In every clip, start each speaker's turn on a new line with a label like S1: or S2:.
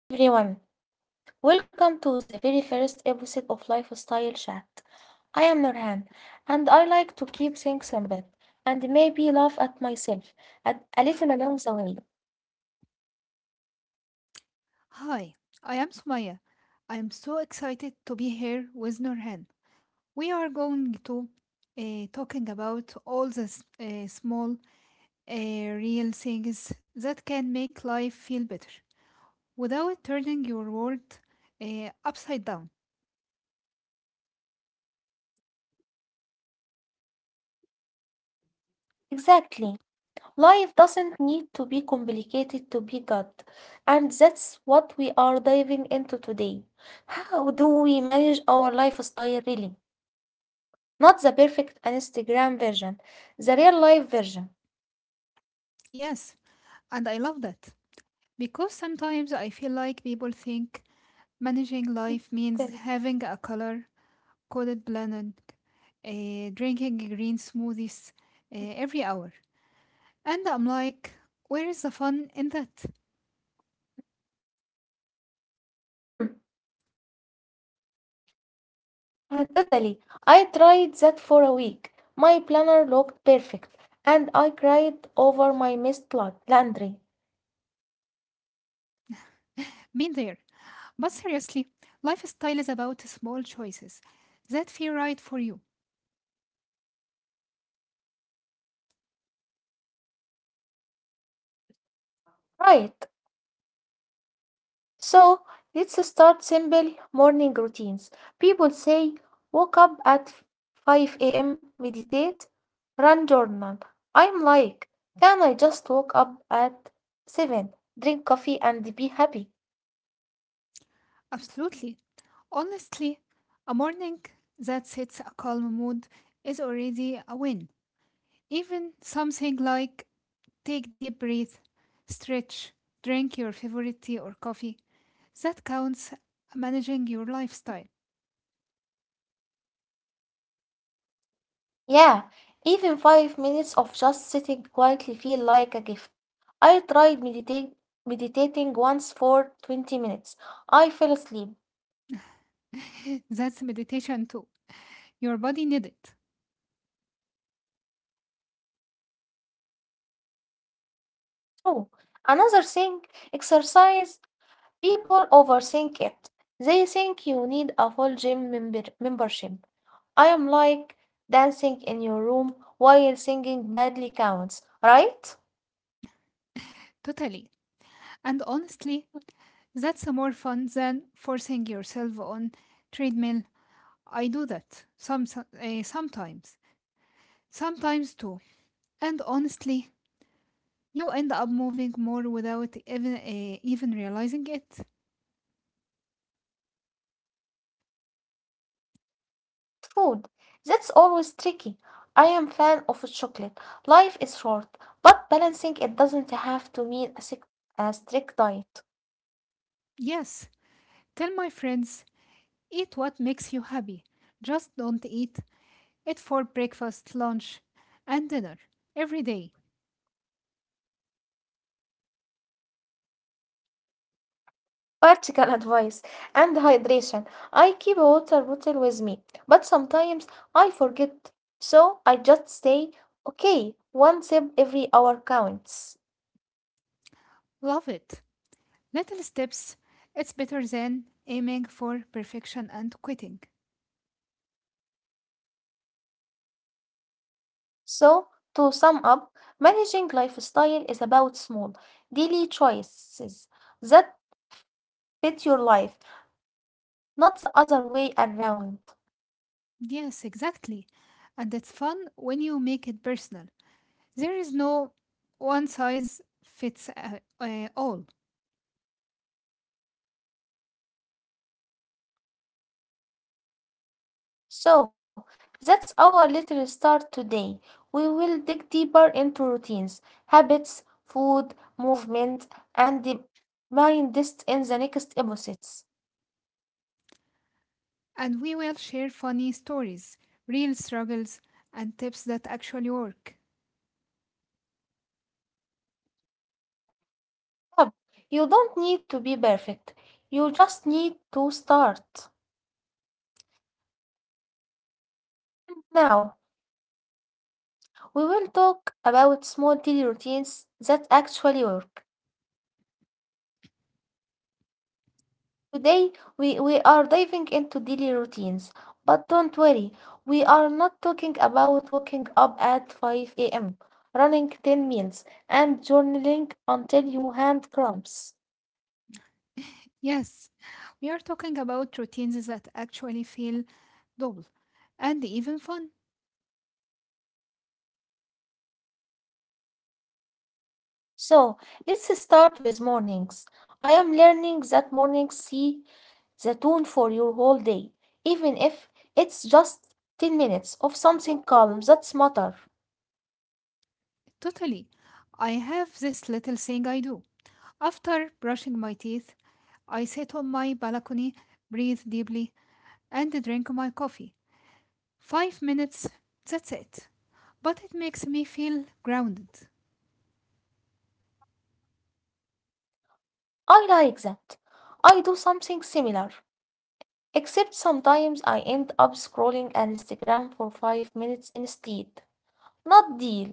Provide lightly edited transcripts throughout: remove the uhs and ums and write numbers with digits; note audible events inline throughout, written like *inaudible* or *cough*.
S1: Hi everyone, welcome to the very first episode of Lifestyle Chat. I am Nurhan and I like to keep things simple and maybe laugh at myself at a little along the way.
S2: Hi, I am Sumaya. I am so excited to be here with Nurhan. We are going to talking about all the small, real things that can make life feel better without turning your world upside down.
S1: Exactly, life doesn't need to be complicated to be good, and that's what we are diving into today. How do we manage our lifestyle really? Not the perfect Instagram version, the real life version.
S2: Yes, and I love that because sometimes I feel like people think managing
S1: Mm,
S2: life
S1: tell
S2: means
S1: me.
S2: having a color coded planet, drinking green smoothies every hour. And I'm like, where is the fun in that?
S1: Totally. I tried that for a week. My planner looked perfect, and I cried over my missed laundry.
S2: Been there. But seriously, lifestyle is about small choices that feel right for you.
S1: Right. So let's start simple morning routines. People say wake up at 5 a.m., meditate, run journal. I'm like, can I just wake up at 7, drink coffee, and be happy?
S2: Absolutely. Honestly, a morning that sets a calm mood is already a win. Even something like take deep breath, stretch, drink your favorite tea or coffee, that counts managing your lifestyle.
S1: Yeah, even 5 minutes of just sitting quietly feel like a gift. I tried meditate meditating once for 20 minutes. I fell asleep.
S2: *laughs* That's meditation too. Your body needs it.
S1: Oh, another thing, exercise. People overthink it. They think you need a full gym membership. I am like dancing in your room while singing badly counts, right?
S2: Totally. And honestly, that's a more fun than forcing yourself on treadmill. I do that sometimes, sometimes too. And honestly, you end up moving more without even realizing it.
S1: Food. That's always tricky. I am fan of chocolate. Life is short, but balancing it doesn't have to mean a strict diet.
S2: Yes, tell my friends, eat what makes you happy. Just don't eat it for breakfast, lunch, and dinner every day.
S1: Practical *laughs* advice and hydration. I keep a water bottle with me, but sometimes I forget. So I just say, okay, one sip every hour counts.
S2: Love it. Little steps. It's better than aiming for perfection and quitting.
S1: So, to sum up, managing lifestyle is about small, daily choices that fit your life, not the other way around.
S2: Yes, exactly. And it's fun when you make it personal. There is no one size fits all.
S1: So, that's our little start today. We will dig deeper into routines, habits, food, movement, and the mind list in the next episodes.
S2: And we will share funny stories, real struggles, and tips that actually work.
S1: But you don't need to be perfect, you just need to start. Now, we will talk about small daily routines that actually work. Today, we are diving into daily routines. But don't worry, we are not talking about waking up at 5 a.m., running 10 miles, and journaling until your hand cramps.
S2: *laughs* Yes, we are talking about routines that actually feel double and even fun.
S1: So, let's start with mornings. I am learning that mornings see the tone for your whole day, even if it's just 10 minutes of something calm that's matter.
S2: Totally. I have this little thing I do. After brushing my teeth, I sit on my balcony, breathe deeply, and drink my coffee. 5 minutes, that's it. But it makes me feel grounded.
S1: I like that. I do something similar. Except sometimes I end up scrolling Instagram for 5 minutes instead. Not deal.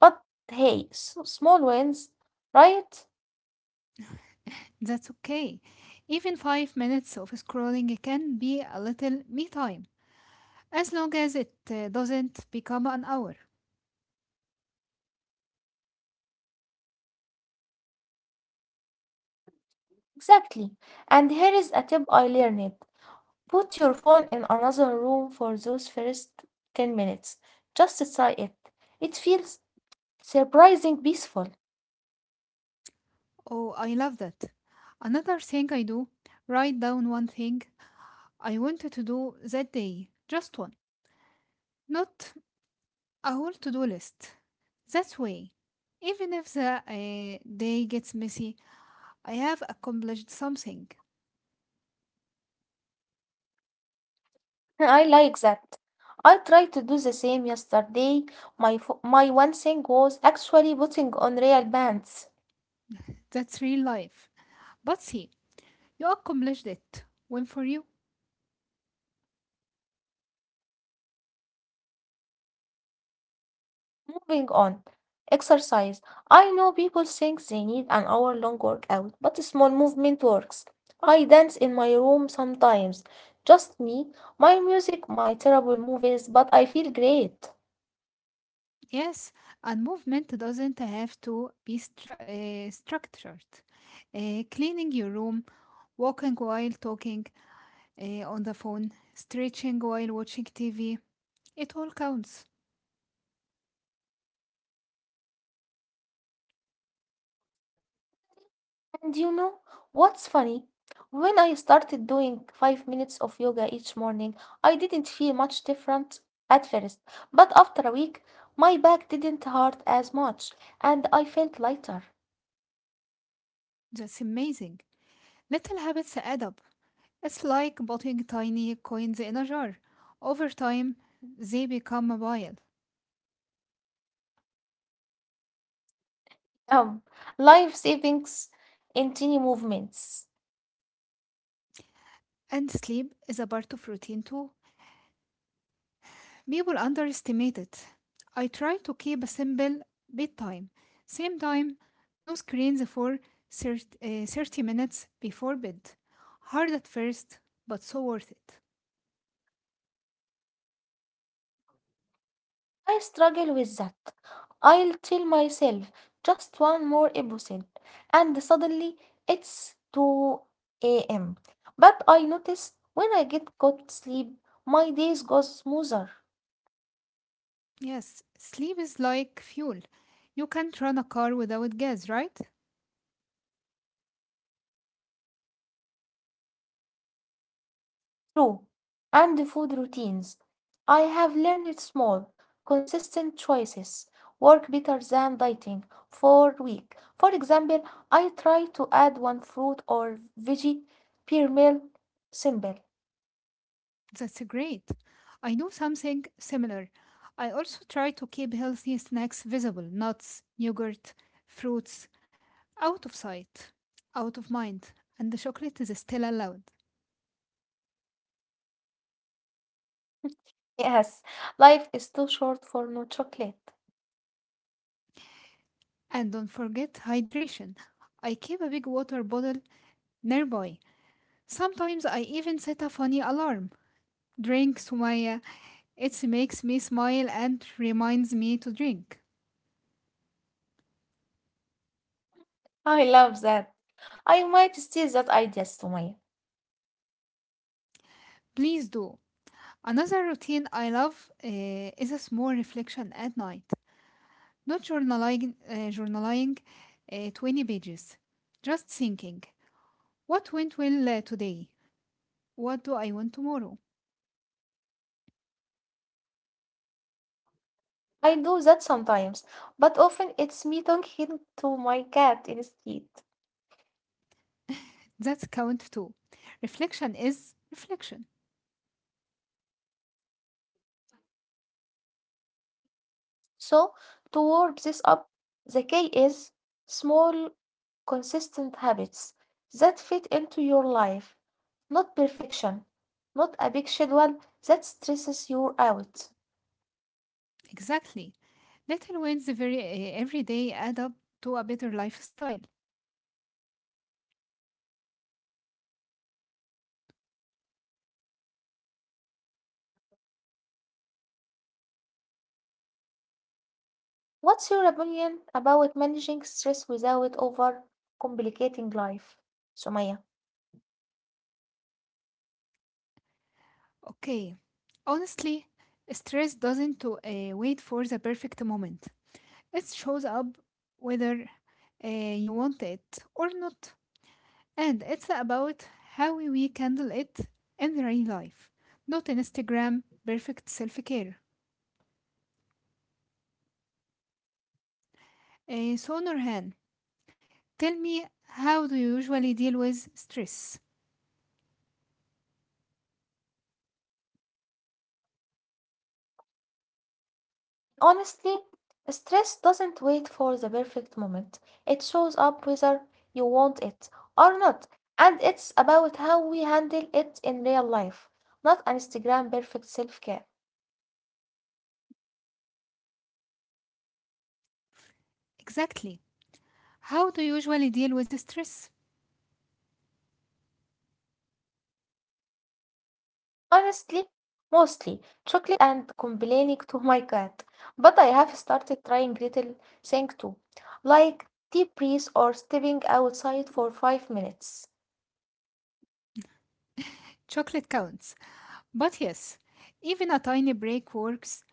S1: But hey, small wins, right?
S2: That's okay. Even 5 minutes of scrolling can be a little me time, as long as it doesn't become an hour.
S1: Exactly. And here is a tip I learned. Put your phone in another room for those first 10 minutes. Just try it. It feels surprising peaceful.
S2: Oh, I love that. Another thing I do write down one thing I wanted to do that day, just one, not a whole to do list. That way, even if the day gets messy, I have accomplished something.
S1: *laughs* I like that. I tried to do the same yesterday. My one thing was actually putting on real bands.
S2: That's real life. But see, you accomplished it. Win for you.
S1: Moving on, exercise. I know people think they need an hour long workout, but small movement works. I dance in my room sometimes. Just me, my music, my terrible movies, but I feel great.
S2: Yes, and movement doesn't have to be structured. Cleaning your room, walking while talking on the phone, stretching while watching TV, it all counts.
S1: And you know what's funny? When I started doing 5 minutes of yoga each morning, I didn't feel much different at first. But after a week, my back didn't hurt as much, and I felt lighter.
S2: That's amazing. Little habits add up. It's like putting tiny coins in a jar. Over time, they become a pile.
S1: Um, life savings in tiny movements.
S2: And sleep is a part of routine too. People underestimate it. I try to keep a simple bedtime. Same time, no screens for 30 minutes before bed. Hard at first, but so worth it.
S1: I struggle with that. I'll tell myself just one more episode, and suddenly it's 2 a.m. But I notice when I get good sleep, my days go smoother.
S2: Yes, sleep is like fuel. You can't run a car without gas, right?
S1: True. And food routines. I have learned small, consistent choices work better than dieting for week. For example, I try to add one fruit or veggie per meal. Simple. *laughs*
S2: That's great. I do something similar. I also try to keep healthy snacks visible nuts, yogurt, fruits, out of sight, out of mind, and the chocolate is still allowed.
S1: Yes, life is too short for no chocolate.
S2: And don't forget hydration. I keep a big water bottle nearby. Sometimes I even set a funny alarm. Drink, Sumaya. It makes me smile and reminds me to drink.
S1: I love that. I might steal that idea tomorrow.
S2: Please do. Another routine I love is a small reflection at night. Not journaling 20 pages. Just thinking. What went well today? What do I want tomorrow?
S1: I do that sometimes, but often it's me talking to my cat instead.
S2: That's count two. Reflection is reflection.
S1: So, to warm this up, the key is small, consistent habits that fit into your life, not perfection, not a big schedule that stresses you out.
S2: Exactly. Little wins every day add up to a better lifestyle.
S1: What's your opinion about managing stress without overcomplicating life, Sumaya?
S2: Okay, honestly, stress doesn't wait for the perfect moment. It shows up whether you want it or not. And it's about how we handle it in real life, not in Instagram perfect self care. So, Nurhan, tell me how do you usually deal with stress?
S1: Honestly, stress doesn't wait for the perfect moment. It shows up whether you want it or not. And it's about how we handle it in real life, not an Instagram perfect self care.
S2: Exactly. How do you usually deal with stress?
S1: Honestly, mostly chocolate and complaining to my cat. But I have started trying little things too, like deep breath or stepping outside for 5 minutes.
S2: Chocolate counts. But yes, even a tiny break works.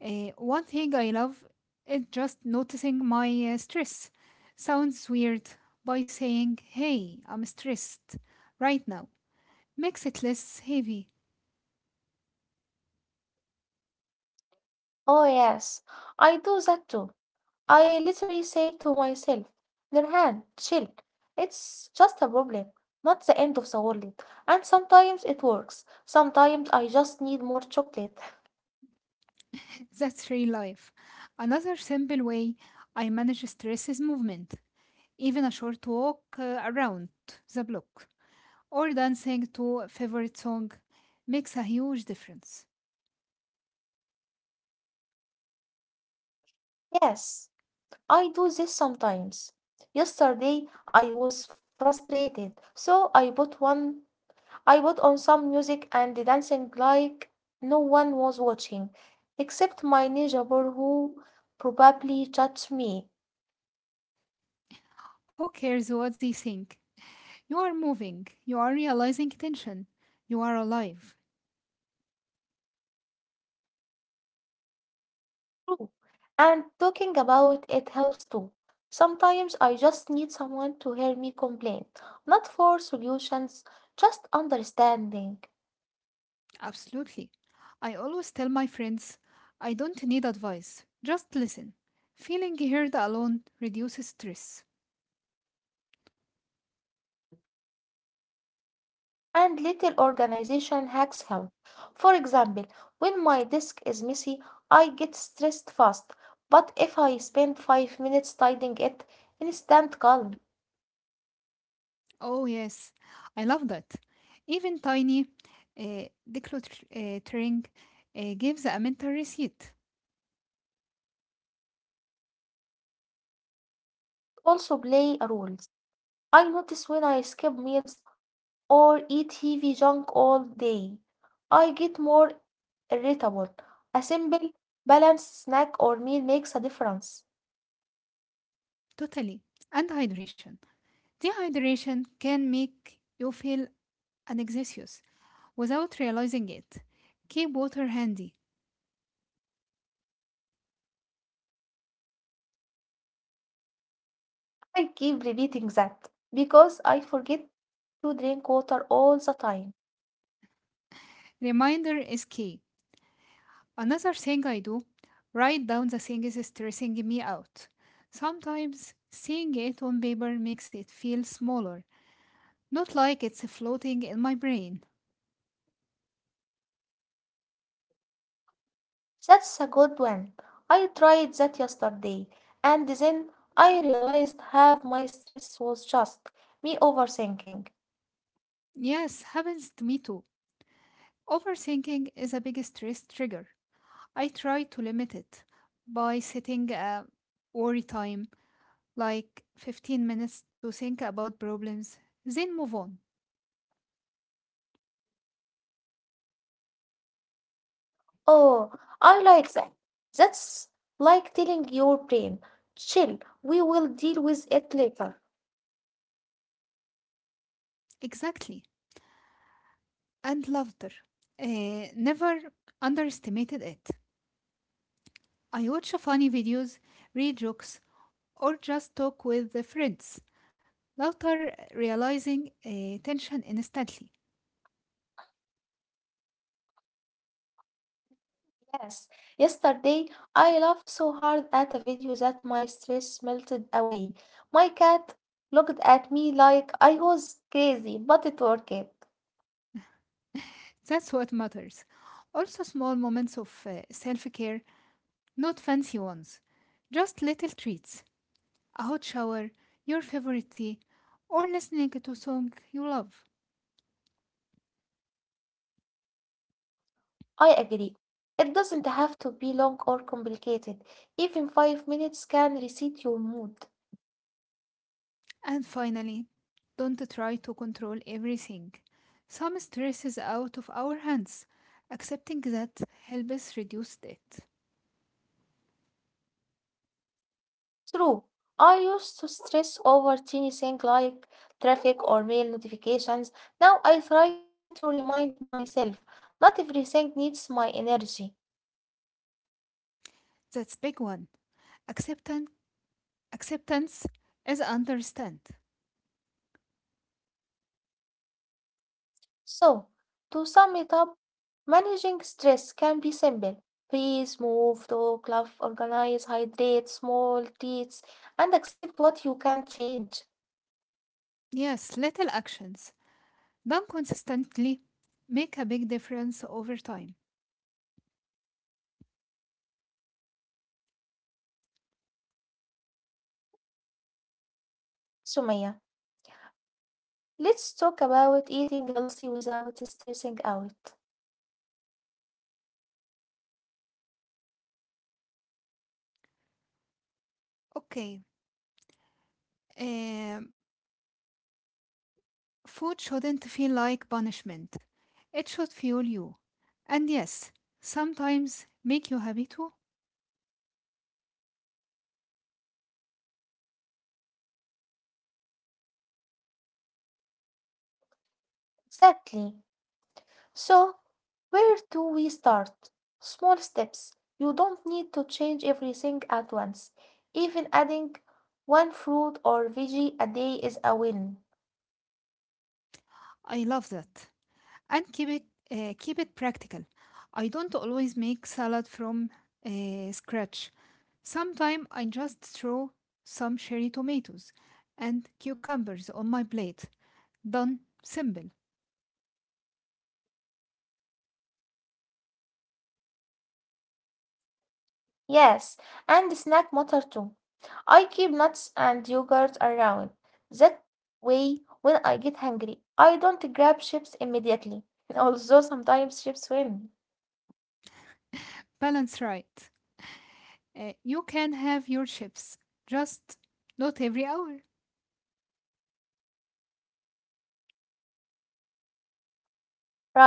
S2: One thing I love is just noticing my stress. Sounds weird by saying, hey, I'm stressed right now. Makes it less heavy.
S1: Oh, yes, I do that too. I literally say to myself, Nurhan, chill. It's just a problem, not the end of the world. And sometimes it works. Sometimes I just need more chocolate. *laughs*
S2: *laughs* That's real life. Another simple way I manage stress is movement, even a short walk around the block or dancing to a favorite song makes a huge difference.
S1: Yes, I do this sometimes. Yesterday I was frustrated, so I put one I put on some music and dancing like no one was watching, except my neighbor who probably judged me.
S2: Who cares what they think? You are moving, you are realizing tension, you are alive.
S1: True. And talking about it helps too. Sometimes I just need someone to hear me complain, not for solutions, just understanding.
S2: Absolutely. I always tell my friends I don't need advice, just listen. Feeling heard alone reduces stress.
S1: And little organization hacks help. For example, when my desk is messy, I get stressed fast. But if I spend 5 minutes tidying it, instant calm.
S2: Oh, yes, I love that. Even tiny uh, decluttering gives a mental reset.
S1: Also play a roles. I notice when I skip meals or eat heavy junk all day. I get more irritable. A simple, balanced snack or meal makes a difference.
S2: Totally. And hydration. Dehydration can make you feel anxious without realizing it. Keep water handy.
S1: I keep repeating that because I forget to drink water all the time.
S2: Reminder is key. Another thing I do, write down the things stressing me out. Sometimes seeing it on paper makes it feel smaller, not like it's floating in my brain.
S1: That's a good one. I tried that yesterday and then I realized half my stress was just me overthinking.
S2: Yes, happens to me too. Overthinking is a big stress trigger. I try to limit it by setting a worry time, like 15 minutes to think about problems, then move on.
S1: Oh, I like that. That's like telling your brain, chill, we will deal with it later.
S2: Exactly. And laughter. Never underestimated it. I watch funny videos, read jokes, or just talk with the friends. Laughter realizing tension instantly.
S1: Yes, yesterday I laughed so hard at a video that my stress melted away. My cat looked at me like I was crazy, but it worked.
S2: That's what matters. Also, small moments of self care, not fancy ones. Just little treats, a hot shower, your favorite tea, or listening to a song you love.
S1: I agree. It doesn't have to be long or complicated. Even 5 minutes can reset your mood.
S2: And finally, don't try to control everything. Some stress is out of our hands. Accepting that helps reduce it.
S1: True, I used to stress over tiny things like traffic or mail notifications. Now I try to remind myself not everything needs my energy.
S2: That's big one. Acceptance, acceptance is understand.
S1: So, to sum it up, managing stress can be simple. Breathe, move, talk, laugh, organize, hydrate, small treats, and accept what you can't change.
S2: Yes, little actions done consistently make a big difference over time.
S1: Sumaya, let's talk about eating healthy without stressing out.
S2: Okay, um, food shouldn't feel like punishment. It should fuel you. And yes, sometimes make you happy too.
S1: Exactly. So, where do we start? Small steps. You don't need to change everything at once. Even adding one fruit or veggie a day is a win.
S2: I love that. And keep it practical. I don't always make salad from scratch. Sometimes I just throw some cherry tomatoes and cucumbers on my plate. Done. Simple.
S1: Yes, and snack matter too. I keep nuts and yogurt around. That way, when I get hungry, I don't grab chips immediately. *laughs* Although sometimes chips win.
S2: Balance right. You can have your chips, just not every hour.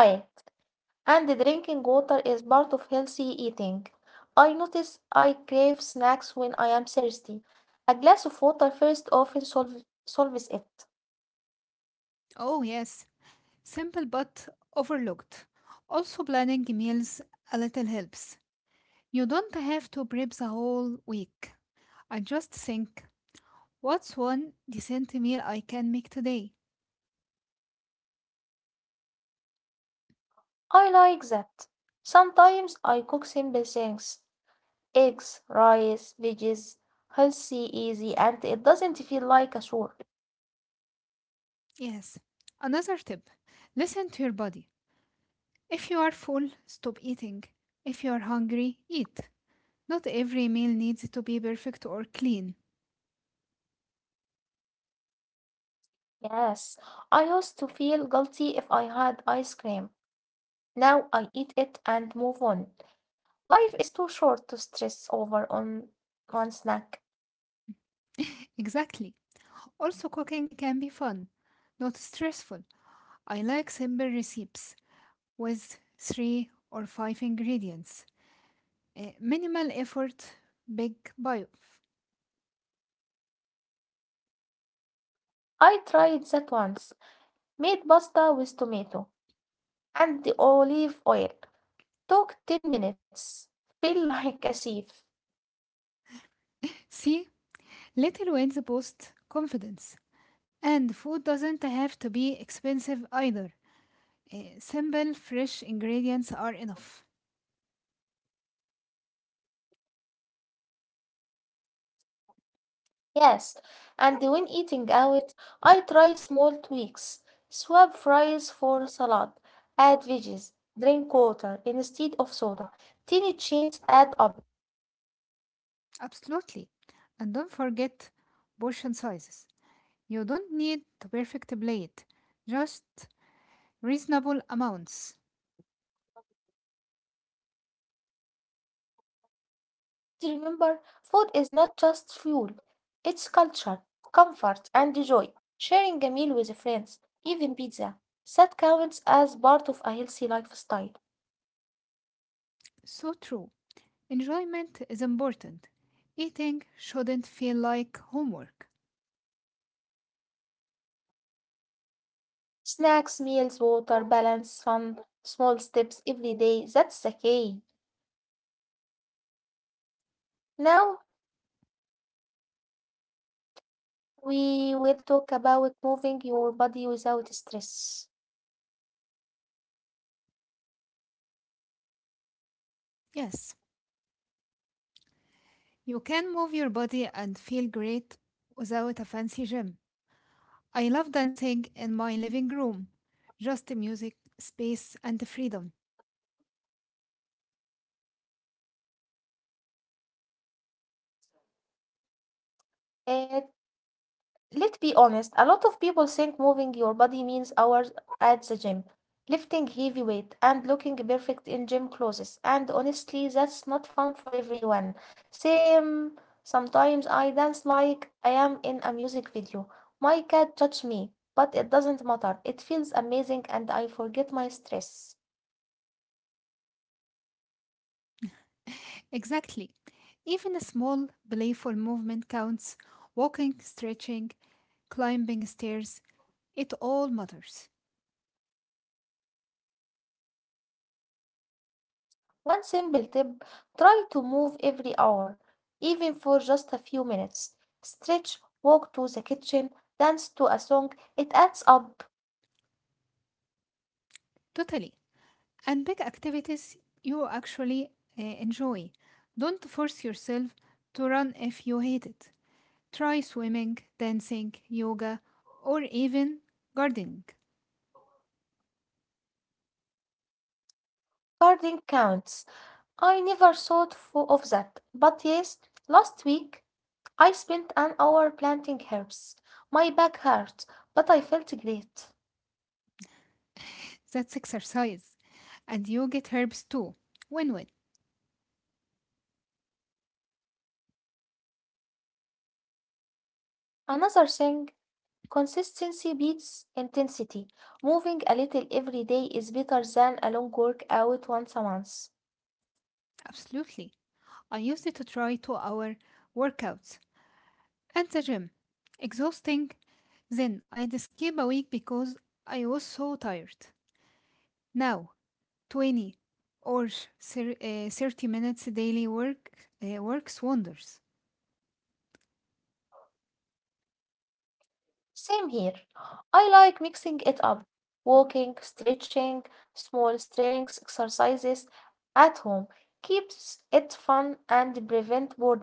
S1: Right, and drinking water is part of healthy eating. I notice I crave snacks when I am thirsty. A glass of water first often solves it.
S2: Oh, yes. Simple but overlooked. Also, planning meals a little helps. You don't have to prep the whole week. I just think what's one decent meal I can make today?
S1: I like that. Sometimes I cook simple things eggs, rice, veggies, healthy, easy, and it doesn't feel like a chore.
S2: Yes. Another tip listen to your body. If you are full, stop eating. If you are hungry, eat. Not every meal needs to be perfect or clean.
S1: Yes, I used to feel guilty if I had ice cream. Now I eat it and move on. Life is too short to stress over on one snack.
S2: *laughs* Exactly. Also, cooking can be fun, not stressful. I like simple recipes with three or five ingredients. Minimal effort, big payoff.
S1: I tried that once, made pasta with tomato and the olive oil. Took 10 minutes. Feel *laughs* like a chef.
S2: See, little wins boost confidence. And food doesn't have to be expensive either. Simple, fresh ingredients are enough.
S1: Yes, and when eating out, I try small tweaks. Swap fries for salad, add veggies, drink water instead of soda. Tiny changes add up.
S2: Absolutely. And don't forget portion sizes. You don't need the perfect plate, just reasonable amounts.
S1: Remember, food is not just fuel, it's culture, comfort, and joy. Sharing a meal with friends, even pizza, that counts as part of a healthy lifestyle.
S2: So true. Enjoyment is important. Eating shouldn't feel like homework.
S1: Snacks, meals, water, balance, fun, small steps every day, that's the key. Now, we will talk about moving your body without stress.
S2: Yes, you can move your body and feel great without a fancy gym. I love dancing in my living room. Just the music, space, and the freedom.
S1: Uh, let's be honest, a lot of people think moving your body means hours at the gym, lifting heavy weight, and looking perfect in gym clothes. And honestly, that's not fun for everyone. Same, sometimes I dance like I am in a music video. My cat judges me, but it doesn't matter. It feels amazing and I forget my stress.
S2: Exactly. Even a small, playful movement counts. Walking, stretching, climbing stairs, it all matters.
S1: One simple tip, try to move every hour, even for just a few minutes. Stretch, walk to the kitchen, dance to a song. It adds up.
S2: Totally. And big activities you actually enjoy. Don't force yourself to run if you hate it. Try swimming, dancing, yoga, or even gardening.
S1: Gardening counts. I never thought of that. But yes, last week I spent an hour planting herbs. My back hurt, but I felt great.
S2: That's exercise. And you get herbs too. Win win.
S1: Another thing, consistency beats intensity. Moving a little every day is better than a long workout once a month.
S2: Absolutely. I used it to try 2 hour workouts at the gym. Exhausting. Then I'd skip a week because I was so tired. Now, 20 or 30 minutes daily works wonders.
S1: Same here. I like mixing it up, walking, stretching, small strength exercises at home, keeps it fun and prevent boredom.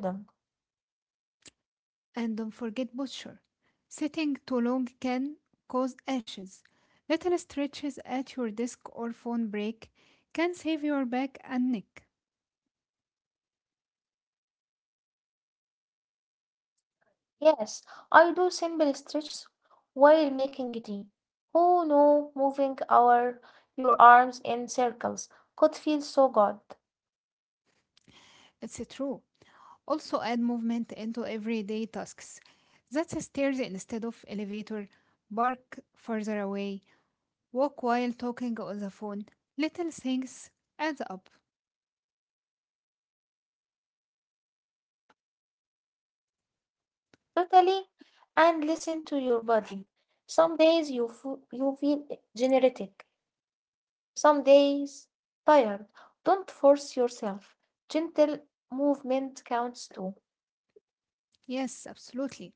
S2: And don't forget posture. Sitting too long can cause ashes. Little stretches at your desk or phone break can save your back and neck.
S1: Yes, I do simple stretches while making tea. Oh no, moving our your arms in circles could feel so good.
S2: It's true. Also, add movement into everyday tasks. That's stairs instead of elevator, bark further away, walk while talking on the phone. Little things add up.
S1: Totally, and listen to your body. Some days you feel energetic, some days tired. Don't force yourself. Gentle movement counts too.
S2: Yes, absolutely.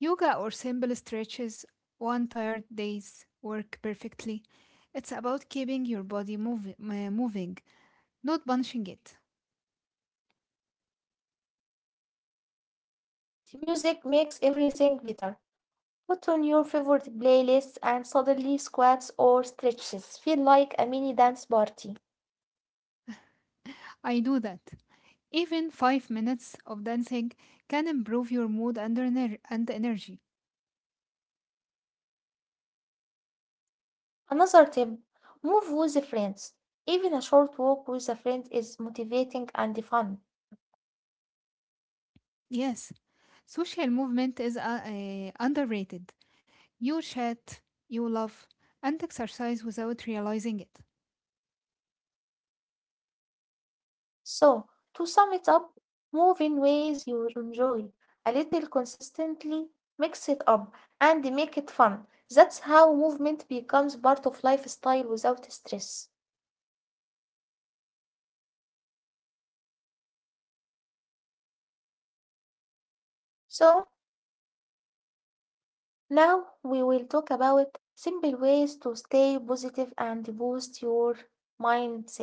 S2: Yoga or simple stretches on tired days work perfectly. It's about keeping your body moving, not punching it.
S1: The music makes everything better. Put on your favorite playlist and suddenly squats or stretches feel like a mini dance party.
S2: I do that. Even 5 minutes of dancing can improve your mood and energy.
S1: Another tip, move with friends. Even a short walk with a friend is motivating and fun.
S2: Yes, social movement is underrated. You chat, you love, and exercise without realizing it.
S1: So, to sum it up, move in ways you enjoy, a little consistently, mix it up, and make it fun. That's how movement becomes part of lifestyle without stress. So, now we will talk about simple ways to stay positive and boost your mindset.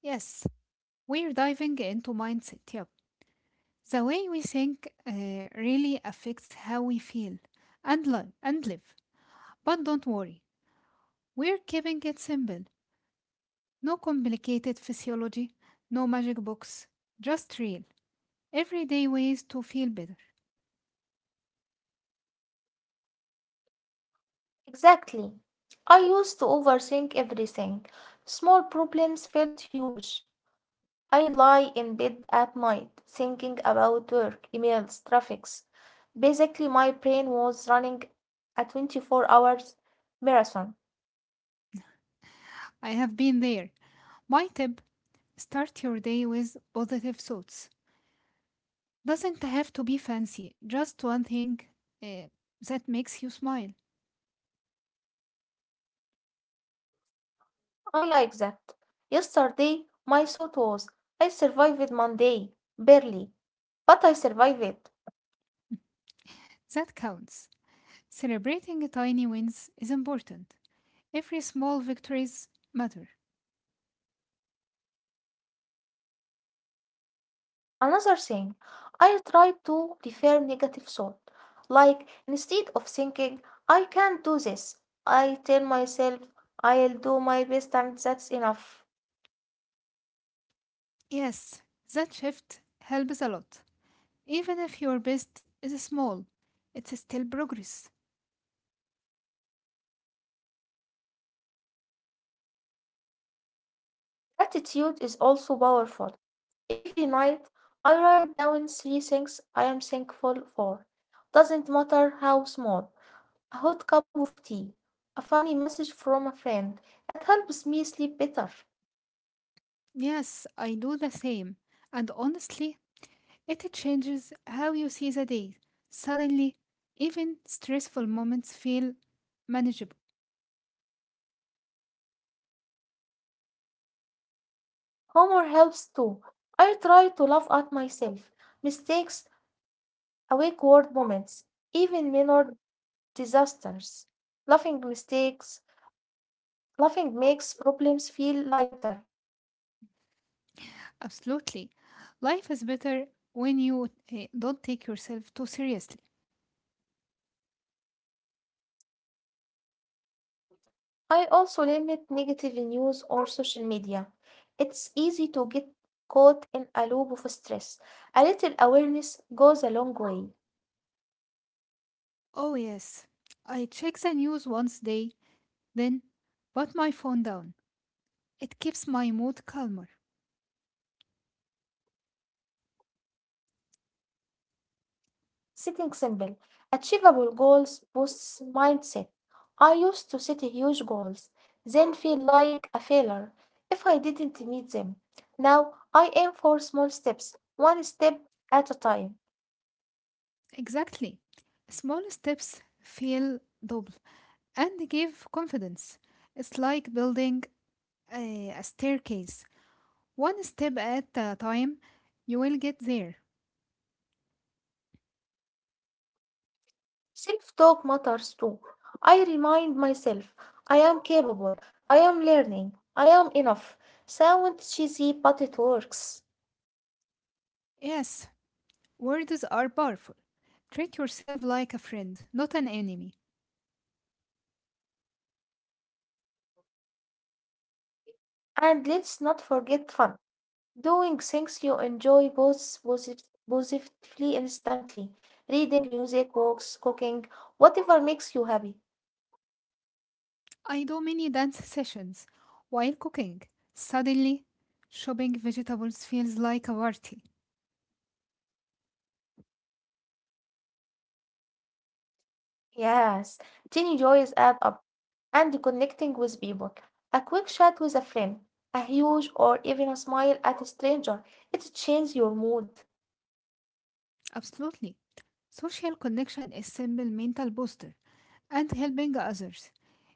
S2: Yes, we're diving into mindset. Yep. The way we think really affects how we feel and live. But don't worry, we're keeping it simple. No complicated physiology, no magic books, just real, everyday ways to feel better.
S1: Exactly. I used to overthink everything. Small problems felt huge. I'd lie in bed at night thinking about work, emails, traffics. Basically, my brain was running a 24 hours marathon.
S2: I have been there. My tip start your day with positive thoughts. Doesn't have to be fancy, just one thing uh, that makes you smile.
S1: I like that. Yesterday, my thought was, I survived Monday, barely, but I survived it.
S2: That counts. Celebrating tiny wins is important. Every small victories matter.
S1: Another thing, I try to refer negative thought. Like, instead of thinking, I can't do this, I tell myself, I'll do my best and that's enough.
S2: Yes, that shift helps a lot. Even if your best is small, it's still progress.
S1: Gratitude is also powerful. Every night, I write down three things I am thankful for. Doesn't matter how small. A hot cup of tea, a funny message from a friend. It helps me sleep better.
S2: Yes, I do the same. And honestly, it changes how you see the day. Suddenly, even stressful moments feel manageable.
S1: Humor helps too. I try to laugh at myself, mistakes, awake word moments, even minor disasters. Laughing mistakes, laughing makes problems feel lighter.
S2: Absolutely. Life is better when you don't take yourself too seriously.
S1: I also limit negative news or social media. It's easy to get caught in a loop of stress. A little awareness goes a long way.
S2: Oh, yes. I check the news once day, then put my phone down. It keeps my mood calmer.
S1: Setting simple, achievable goals boosts mindset. I used to set huge goals, then feel like a failure if I didn't meet them. Now I aim for small steps, one step at a time.
S2: Exactly. Small steps feel double and give confidence. It's like building a staircase. One step at a time, you will get there.
S1: Self talk matters too. I remind myself I am capable, I am learning, I am enough. Sounds cheesy, but it works.
S2: Yes, words are powerful. Treat yourself like a friend, not an enemy.
S1: And let's not forget fun. Doing things you enjoy both positively instantly. Reading, music, walks, cooking, whatever makes you happy.
S2: I do many dance sessions while cooking. Suddenly, chopping vegetables feels like a party.
S1: Yes, tiny joys add up. And connecting with people. A quick chat with a friend, a huge or even a smile at a stranger, it changes your mood.
S2: Absolutely. Social connection is simple mental booster and helping others,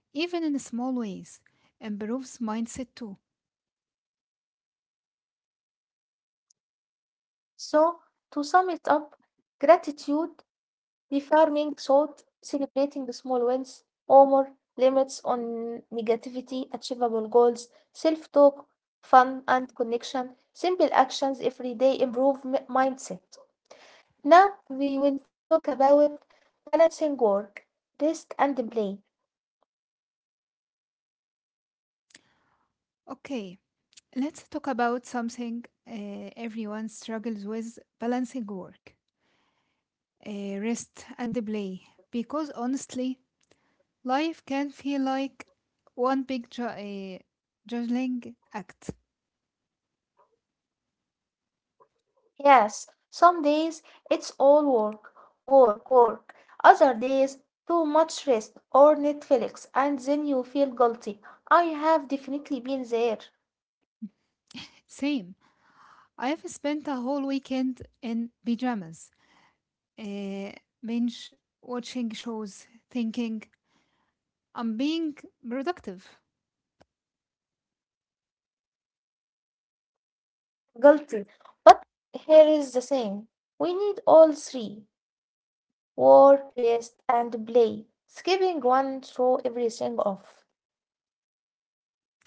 S2: even in small ways, improves mindset too.
S1: So, to sum it up, gratitude, reaffirming thought, celebrating the small wins, humor, limits on negativity, achievable goals, self talk, fun and connection, simple actions, everyday improve mindset. Now, we will talk about balancing work, rest, and play.
S2: Okay, let's talk about something everyone struggles with balancing work, rest, and play. Because honestly, life can feel like one big juggling act.
S1: Yes, some days it's all work, work, work. Other days, too much rest or Netflix, and then you feel guilty. I have definitely been there.
S2: Same. I've spent a whole weekend in pajamas, uh, binge watching shows, thinking I'm being productive.
S1: Guilty. But here is the thing we need all three work, rest, and play. Skipping one throw everything off.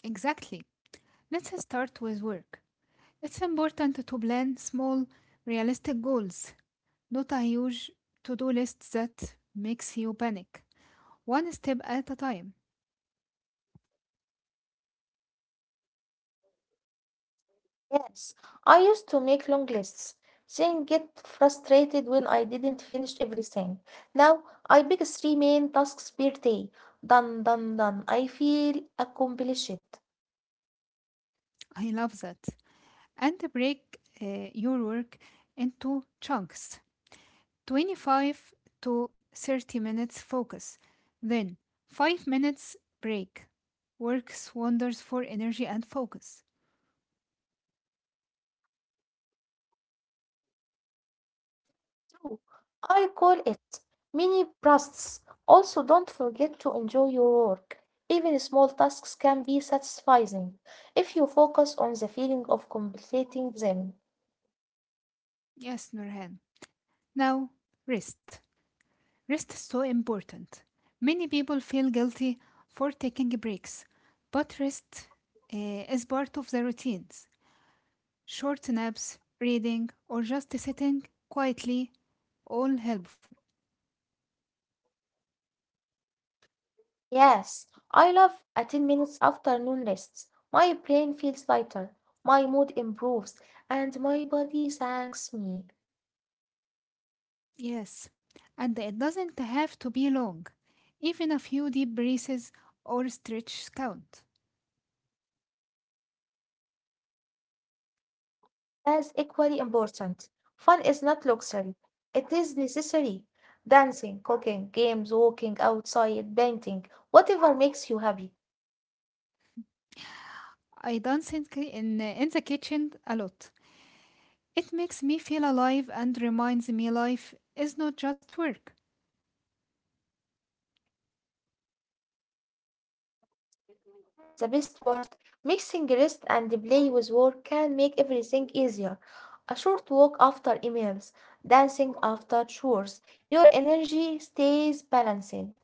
S2: Exactly. Let's start with work. It's important to plan small, realistic goals, not a huge to do list that makes you panic. One step at a time.
S1: Yes, I used to make long lists, then get frustrated when I didn't finish everything. Now I pick three main tasks per day. Done, done, done. I feel accomplished.
S2: I love that. And break your work into chunks. 25 to 30 minutes focus, then 5 minutes break. Works wonders for energy and focus.
S1: True. I call it mini bursts. Also, don't forget to enjoy your work. Even small tasks can be satisfying if you focus on the feeling of completing them.
S2: Yes, Nurhan. Now, rest. Rest is so important. Many people feel guilty for taking breaks, but rest is part of the routines. Short naps, reading, or just sitting quietly all helpful.
S1: Yes, I love a 10 minutes afternoon rest. My brain feels lighter, my mood improves, and my body thanks me.
S2: Yes, and it doesn't have to be long. Even a few deep breaths or stretches count.
S1: That's equally important. Fun is not luxury, it is necessary. Dancing, cooking, games, walking outside, painting, whatever makes you happy.
S2: I dance in the kitchen a lot. It makes me feel alive and reminds me life is not just work.
S1: And the best part, mixing rest and play with work can make everything easier. A short walk after emails, dancing after chores, your energy stays balanced.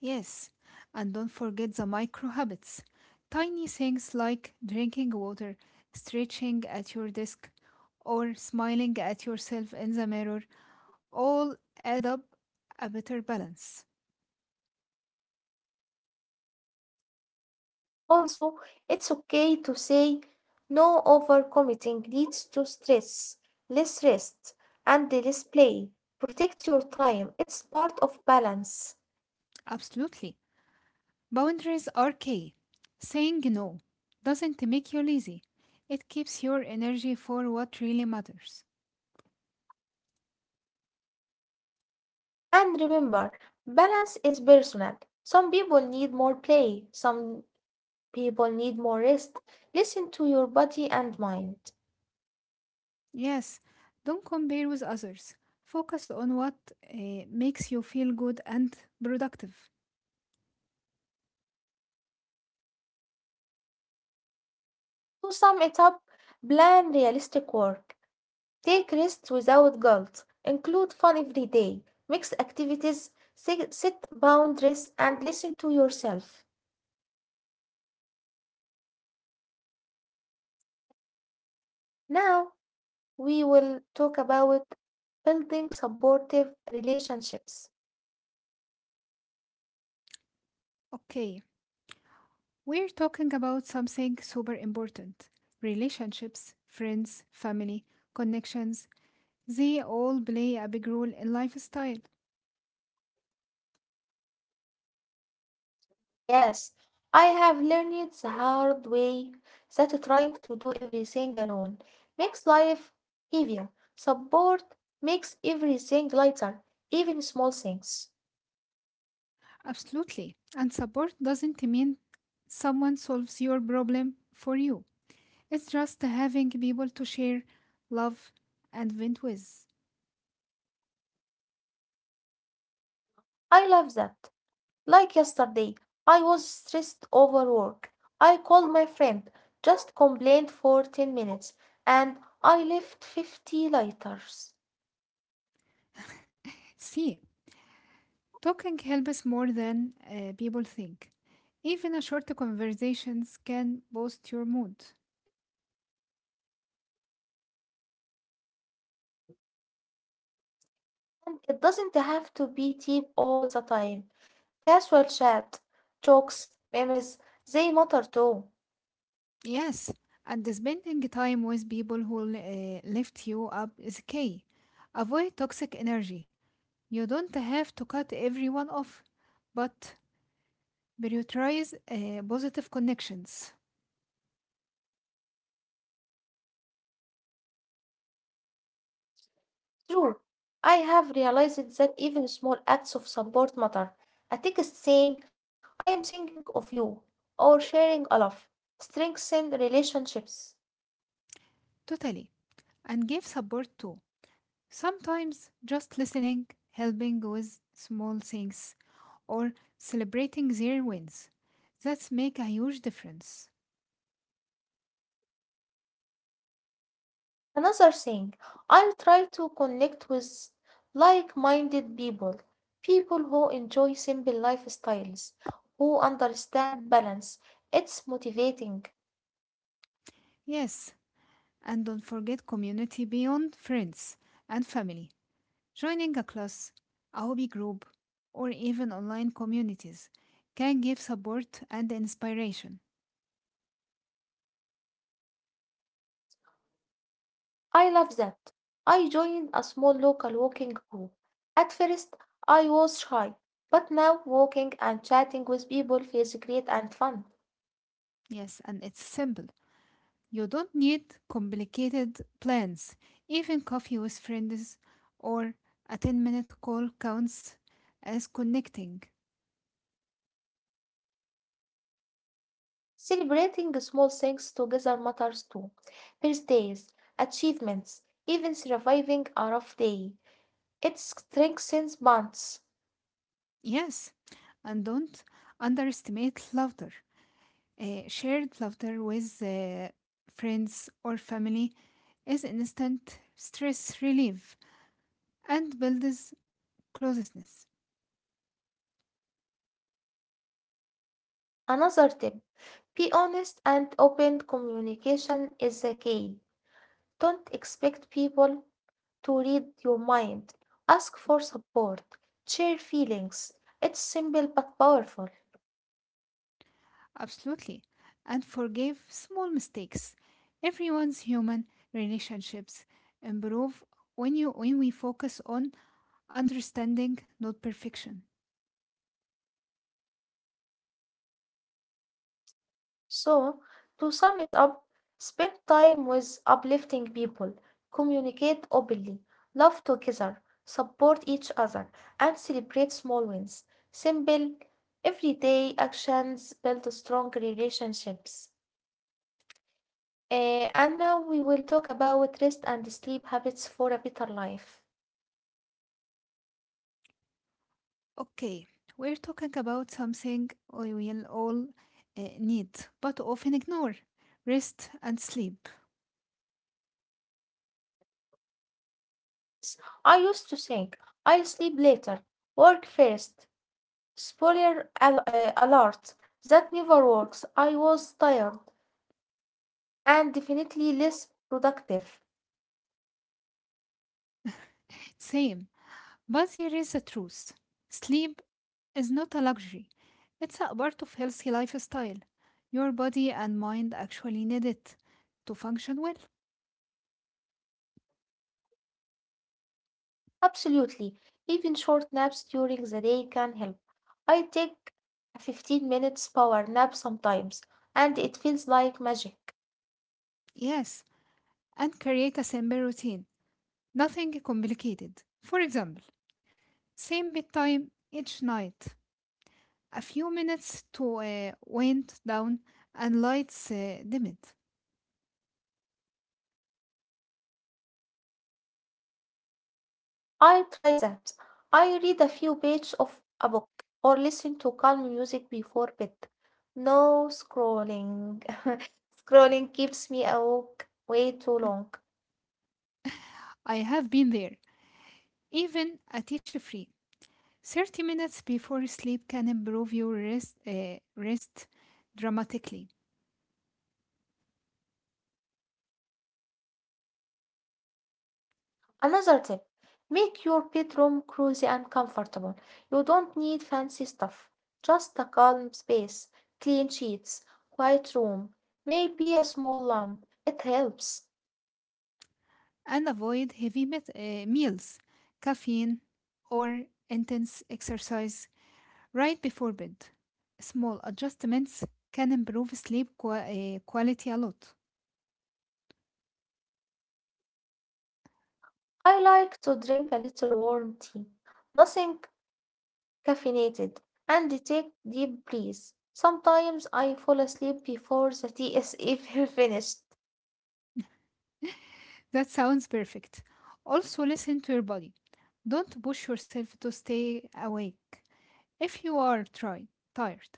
S2: Yes, and don't forget the micro habits. Tiny things like drinking water, stretching at your desk, or smiling at yourself in the mirror all add up a better balance.
S1: Also, it's okay to say no overcommitting leads to stress, less rest, and less play. Protect your time, it's part of balance.
S2: Absolutely. Boundaries are key. Saying no doesn't make you lazy, it keeps your energy for what really matters.
S1: And remember, balance is personal. Some people need more play, some people need more rest. Listen to your body and mind.
S2: Yes, don't compare with others. Focus on what makes you feel good and productive.
S1: To sum it up, plan realistic work. Take rests without guilt. Include fun every day. Mix activities. Set boundaries and listen to yourself. Now, we will talk about building supportive relationships.
S2: Okay, we're talking about something super important: relationships, friends, family, connections. They all play a big role in lifestyle.
S1: Yes, I have learned it the hard way that trying to do everything alone makes life heavier. Support makes everything lighter, even small things.
S2: Absolutely. And support doesn't mean someone solves your problem for you. It's just having people to share, love, and vent with.
S1: I love that. Like yesterday, I was stressed over work. I called my friend, just complained for 10 minutes, and I left 50 lighters.
S2: See, talking helps more than people think. Even a short conversations can boost your mood.
S1: And it doesn't have to be deep all the time. Casual chat, jokes, memes, they matter too.
S2: Yes, and spending time with people who lift you up is key. Avoid toxic energy. You don't have to cut everyone off, but prioritize positive connections.
S1: True. I have realized that even small acts of support matter. A text saying, I am thinking of you, or sharing a laugh, strengthen relationships.
S2: Totally. And give support too. Sometimes just listening, helping with small things, or celebrating their wins. That's make a huge difference.
S1: Another thing, I try to connect with like minded people, people who enjoy simple lifestyles, who understand balance. It's motivating.
S2: Yes, and don't forget community beyond friends and family. Joining a class, a hobby group, or even online communities can give support and inspiration.
S1: I love that. I joined a small local walking group. At first, I was shy, but now walking and chatting with people feels great and fun.
S2: Yes, and it's simple. You don't need complicated plans. Even coffee with friends or a 10-minute call counts as connecting.
S1: Celebrating small things together matters too. Birthdays, achievements, even surviving a rough day. It strengthens bonds.
S2: Yes, and don't underestimate laughter. Shared laughter with friends or family is instant stress relief and builds closeness.
S1: Another tip be honest and open communication is the key. Don't expect people to read your mind, ask for support, share feelings. It's simple but powerful.
S2: Absolutely. And forgive small mistakes. Everyone's human. Relationships improve when we focus on understanding, not perfection.
S1: So, to sum it up, spend time with uplifting people, communicate openly, love together, support each other, and celebrate small wins. Simple, everyday actions build strong relationships. Eh, and now we will talk about rest and sleep habits for a better life.
S2: Okay, we're talking about something we will all need, but often ignore: rest and sleep.
S1: I used to think I'll sleep later, work first. Spoiler alert, that never works. I was tired and definitely less productive.
S2: Same, but here is the truth: sleep is not a luxury, it's a part of healthy lifestyle. Your body and mind actually need it to function well.
S1: Absolutely. Even short naps during the day can help. I take a 15 minutes power nap sometimes, and it feels like magic.
S2: Yes, and create a simple routine. Nothing complicated. For example, same bedtime each night. A few minutes to wind down and lights dimmed.
S1: I try that. I read a few pages of a book or listen to calm music before bed. No scrolling. *laughs* Scrolling keeps me awake way too long.
S2: I have been there. Even a teacher free. 30 minutes before sleep can improve your rest dramatically
S1: Another tip make your bedroom cozy and comfortable. You don't need fancy stuff, just a calm space, clean sheets, quiet room, maybe a small lamp. It helps.
S2: and avoid heavy meals, caffeine, or intense exercise right before bed. Small adjustments can improve sleep quality a lot.
S1: I like to drink a little warm tea. Nothing caffeinated, and take deep breaths. Sometimes I fall asleep before the tea is even *laughs* finished.
S2: That sounds perfect. Also, listen to your body. Don't push yourself to stay awake. If you are tired,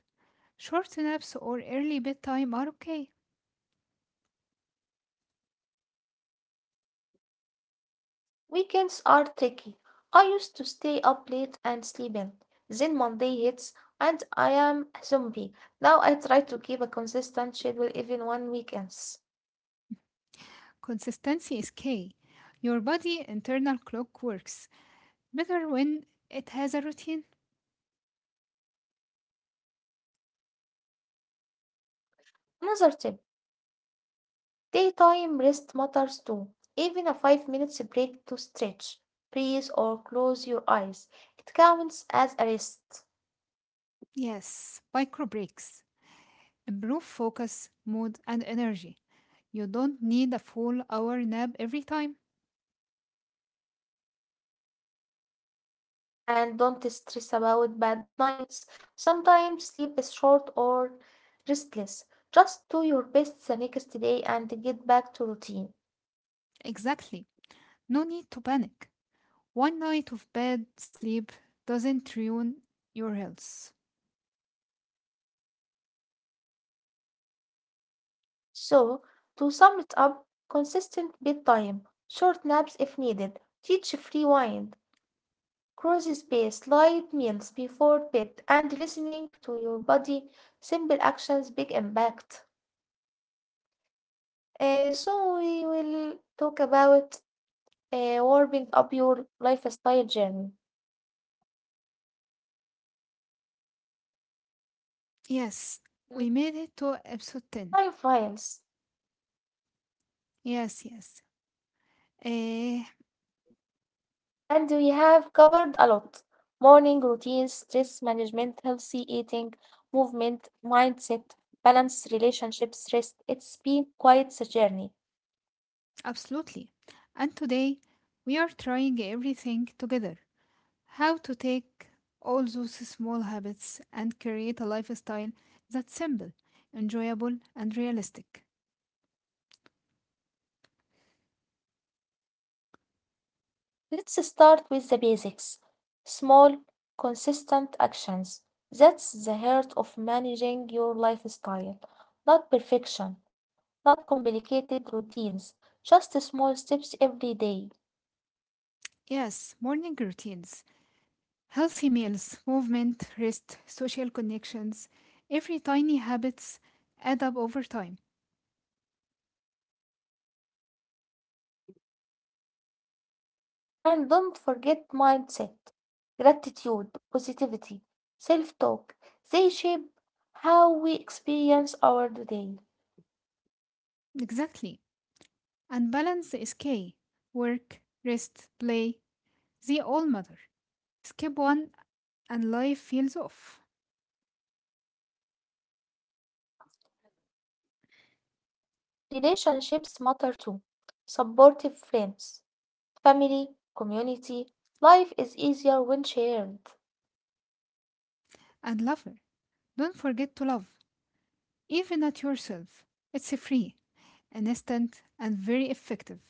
S2: short naps or early bedtime are okay.
S1: Weekends are tricky. I used to stay up late and sleep in. Then Monday hits and I am a zombie. Now I try to keep a consistent schedule even on weekends.
S2: Consistency is key. Your body internal clock works better when it has a routine.
S1: Another tip daytime rest matters too. Even a 5 minutes break to stretch, breathe, or close your eyes. It counts as a rest.
S2: Yes, micro breaks improve focus, mood, and energy. You don't need a full hour nap every time.
S1: And don't stress about bad nights. Sometimes sleep is short or restless. Just do your best the next day and get back to routine.
S2: Exactly. No need to panic. One night of bad sleep doesn't ruin your health.
S1: So, to sum it up, consistent bedtime, short naps if needed, teach free wind, cross space, light meals before bed, and listening to your body. Simple actions, big impact. So, we will talk about warming up your lifestyle journey.
S2: Yes, we
S1: Mm.
S2: made it to episode 10.
S1: I files,
S2: Yes, yes. Eh,
S1: and we have covered a lot. Morning routines, stress management, healthy eating, movement, mindset, balance, relationships, rest. It's been quite a journey.
S2: absolutely. And today we are trying everything together. How to take all those small habits and create a lifestyle that's simple, enjoyable, and realistic.
S1: Let's start with the basics. Small, consistent actions. That's the heart of managing your lifestyle. Not perfection, not complicated routines, just small steps every day.
S2: Yes, morning routines, healthy meals, movement, rest, social connections. Every tiny habits add up over time.
S1: And don't forget mindset, gratitude, positivity, self talk. They shape how we experience our day.
S2: Exactly. And balance is key. Work, rest, play, they all matter. Skip one and life feels off.
S1: Relationships matter too. Supportive friends, family, community. Life is easier when shared.
S2: And lover, don't forget to love, even at yourself. It's free, instant, and very effective.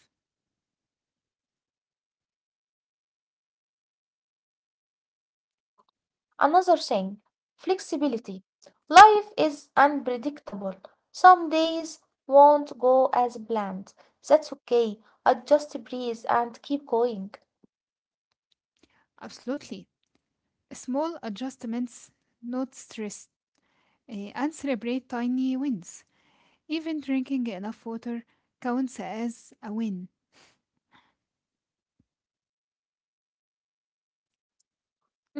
S1: Another thing flexibility. Life is unpredictable. Some days won't go as planned. That's okay. Adjust, breathe, and keep going.
S2: Absolutely. Small adjustments, not stress, and celebrate tiny wins. Even drinking enough water counts as a win.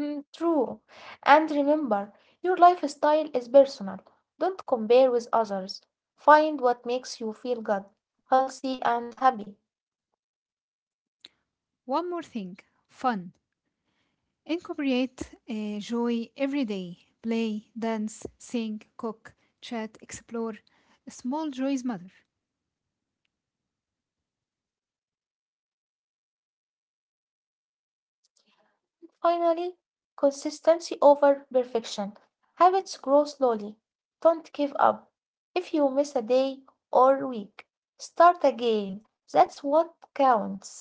S1: Mm, true. And remember, your lifestyle is personal. Don't compare with others. Find what makes you feel good, healthy, and happy.
S2: One more thing: fun. Incorporate joy every day. Play, dance, sing, cook, chat, explore. Small joys matter.
S1: Finally, consistency over perfection. Habits grow slowly. Don't give up. If you miss a day or week, start again. That's what counts.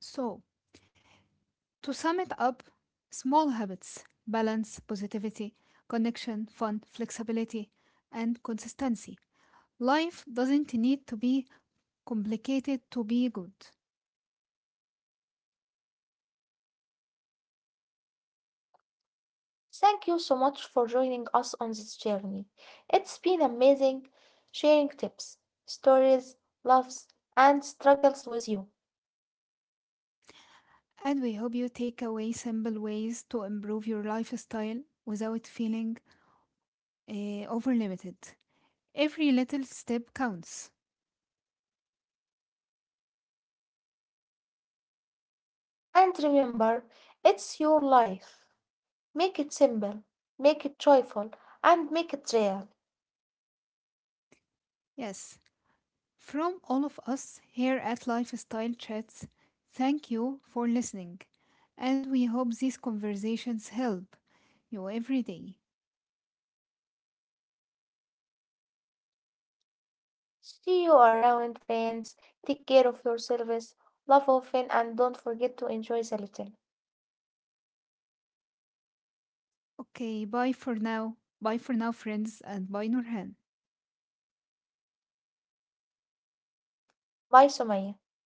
S2: So, to sum it up, small habits, balance, positivity, connection, fun, flexibility, and consistency. Life doesn't need to be complicated to be good.
S1: Thank you so much for joining us on this journey. It's been amazing sharing tips, stories, loves, and struggles with you.
S2: And we hope you take away simple ways to improve your lifestyle without feeling over limited. Every little step counts.
S1: And remember, it's your life. Make it simple, make it joyful, and make it real.
S2: Yes. From all of us here at Lifestyle Chats, thank you for listening. And we hope these conversations help you every day.
S1: See you around, friends. Take care of yourselves, love often, and don't forget to enjoy a little.
S2: Okay, bye for now. Bye for now, friends, and bye, Nurhan.
S1: Bye, Sumaya.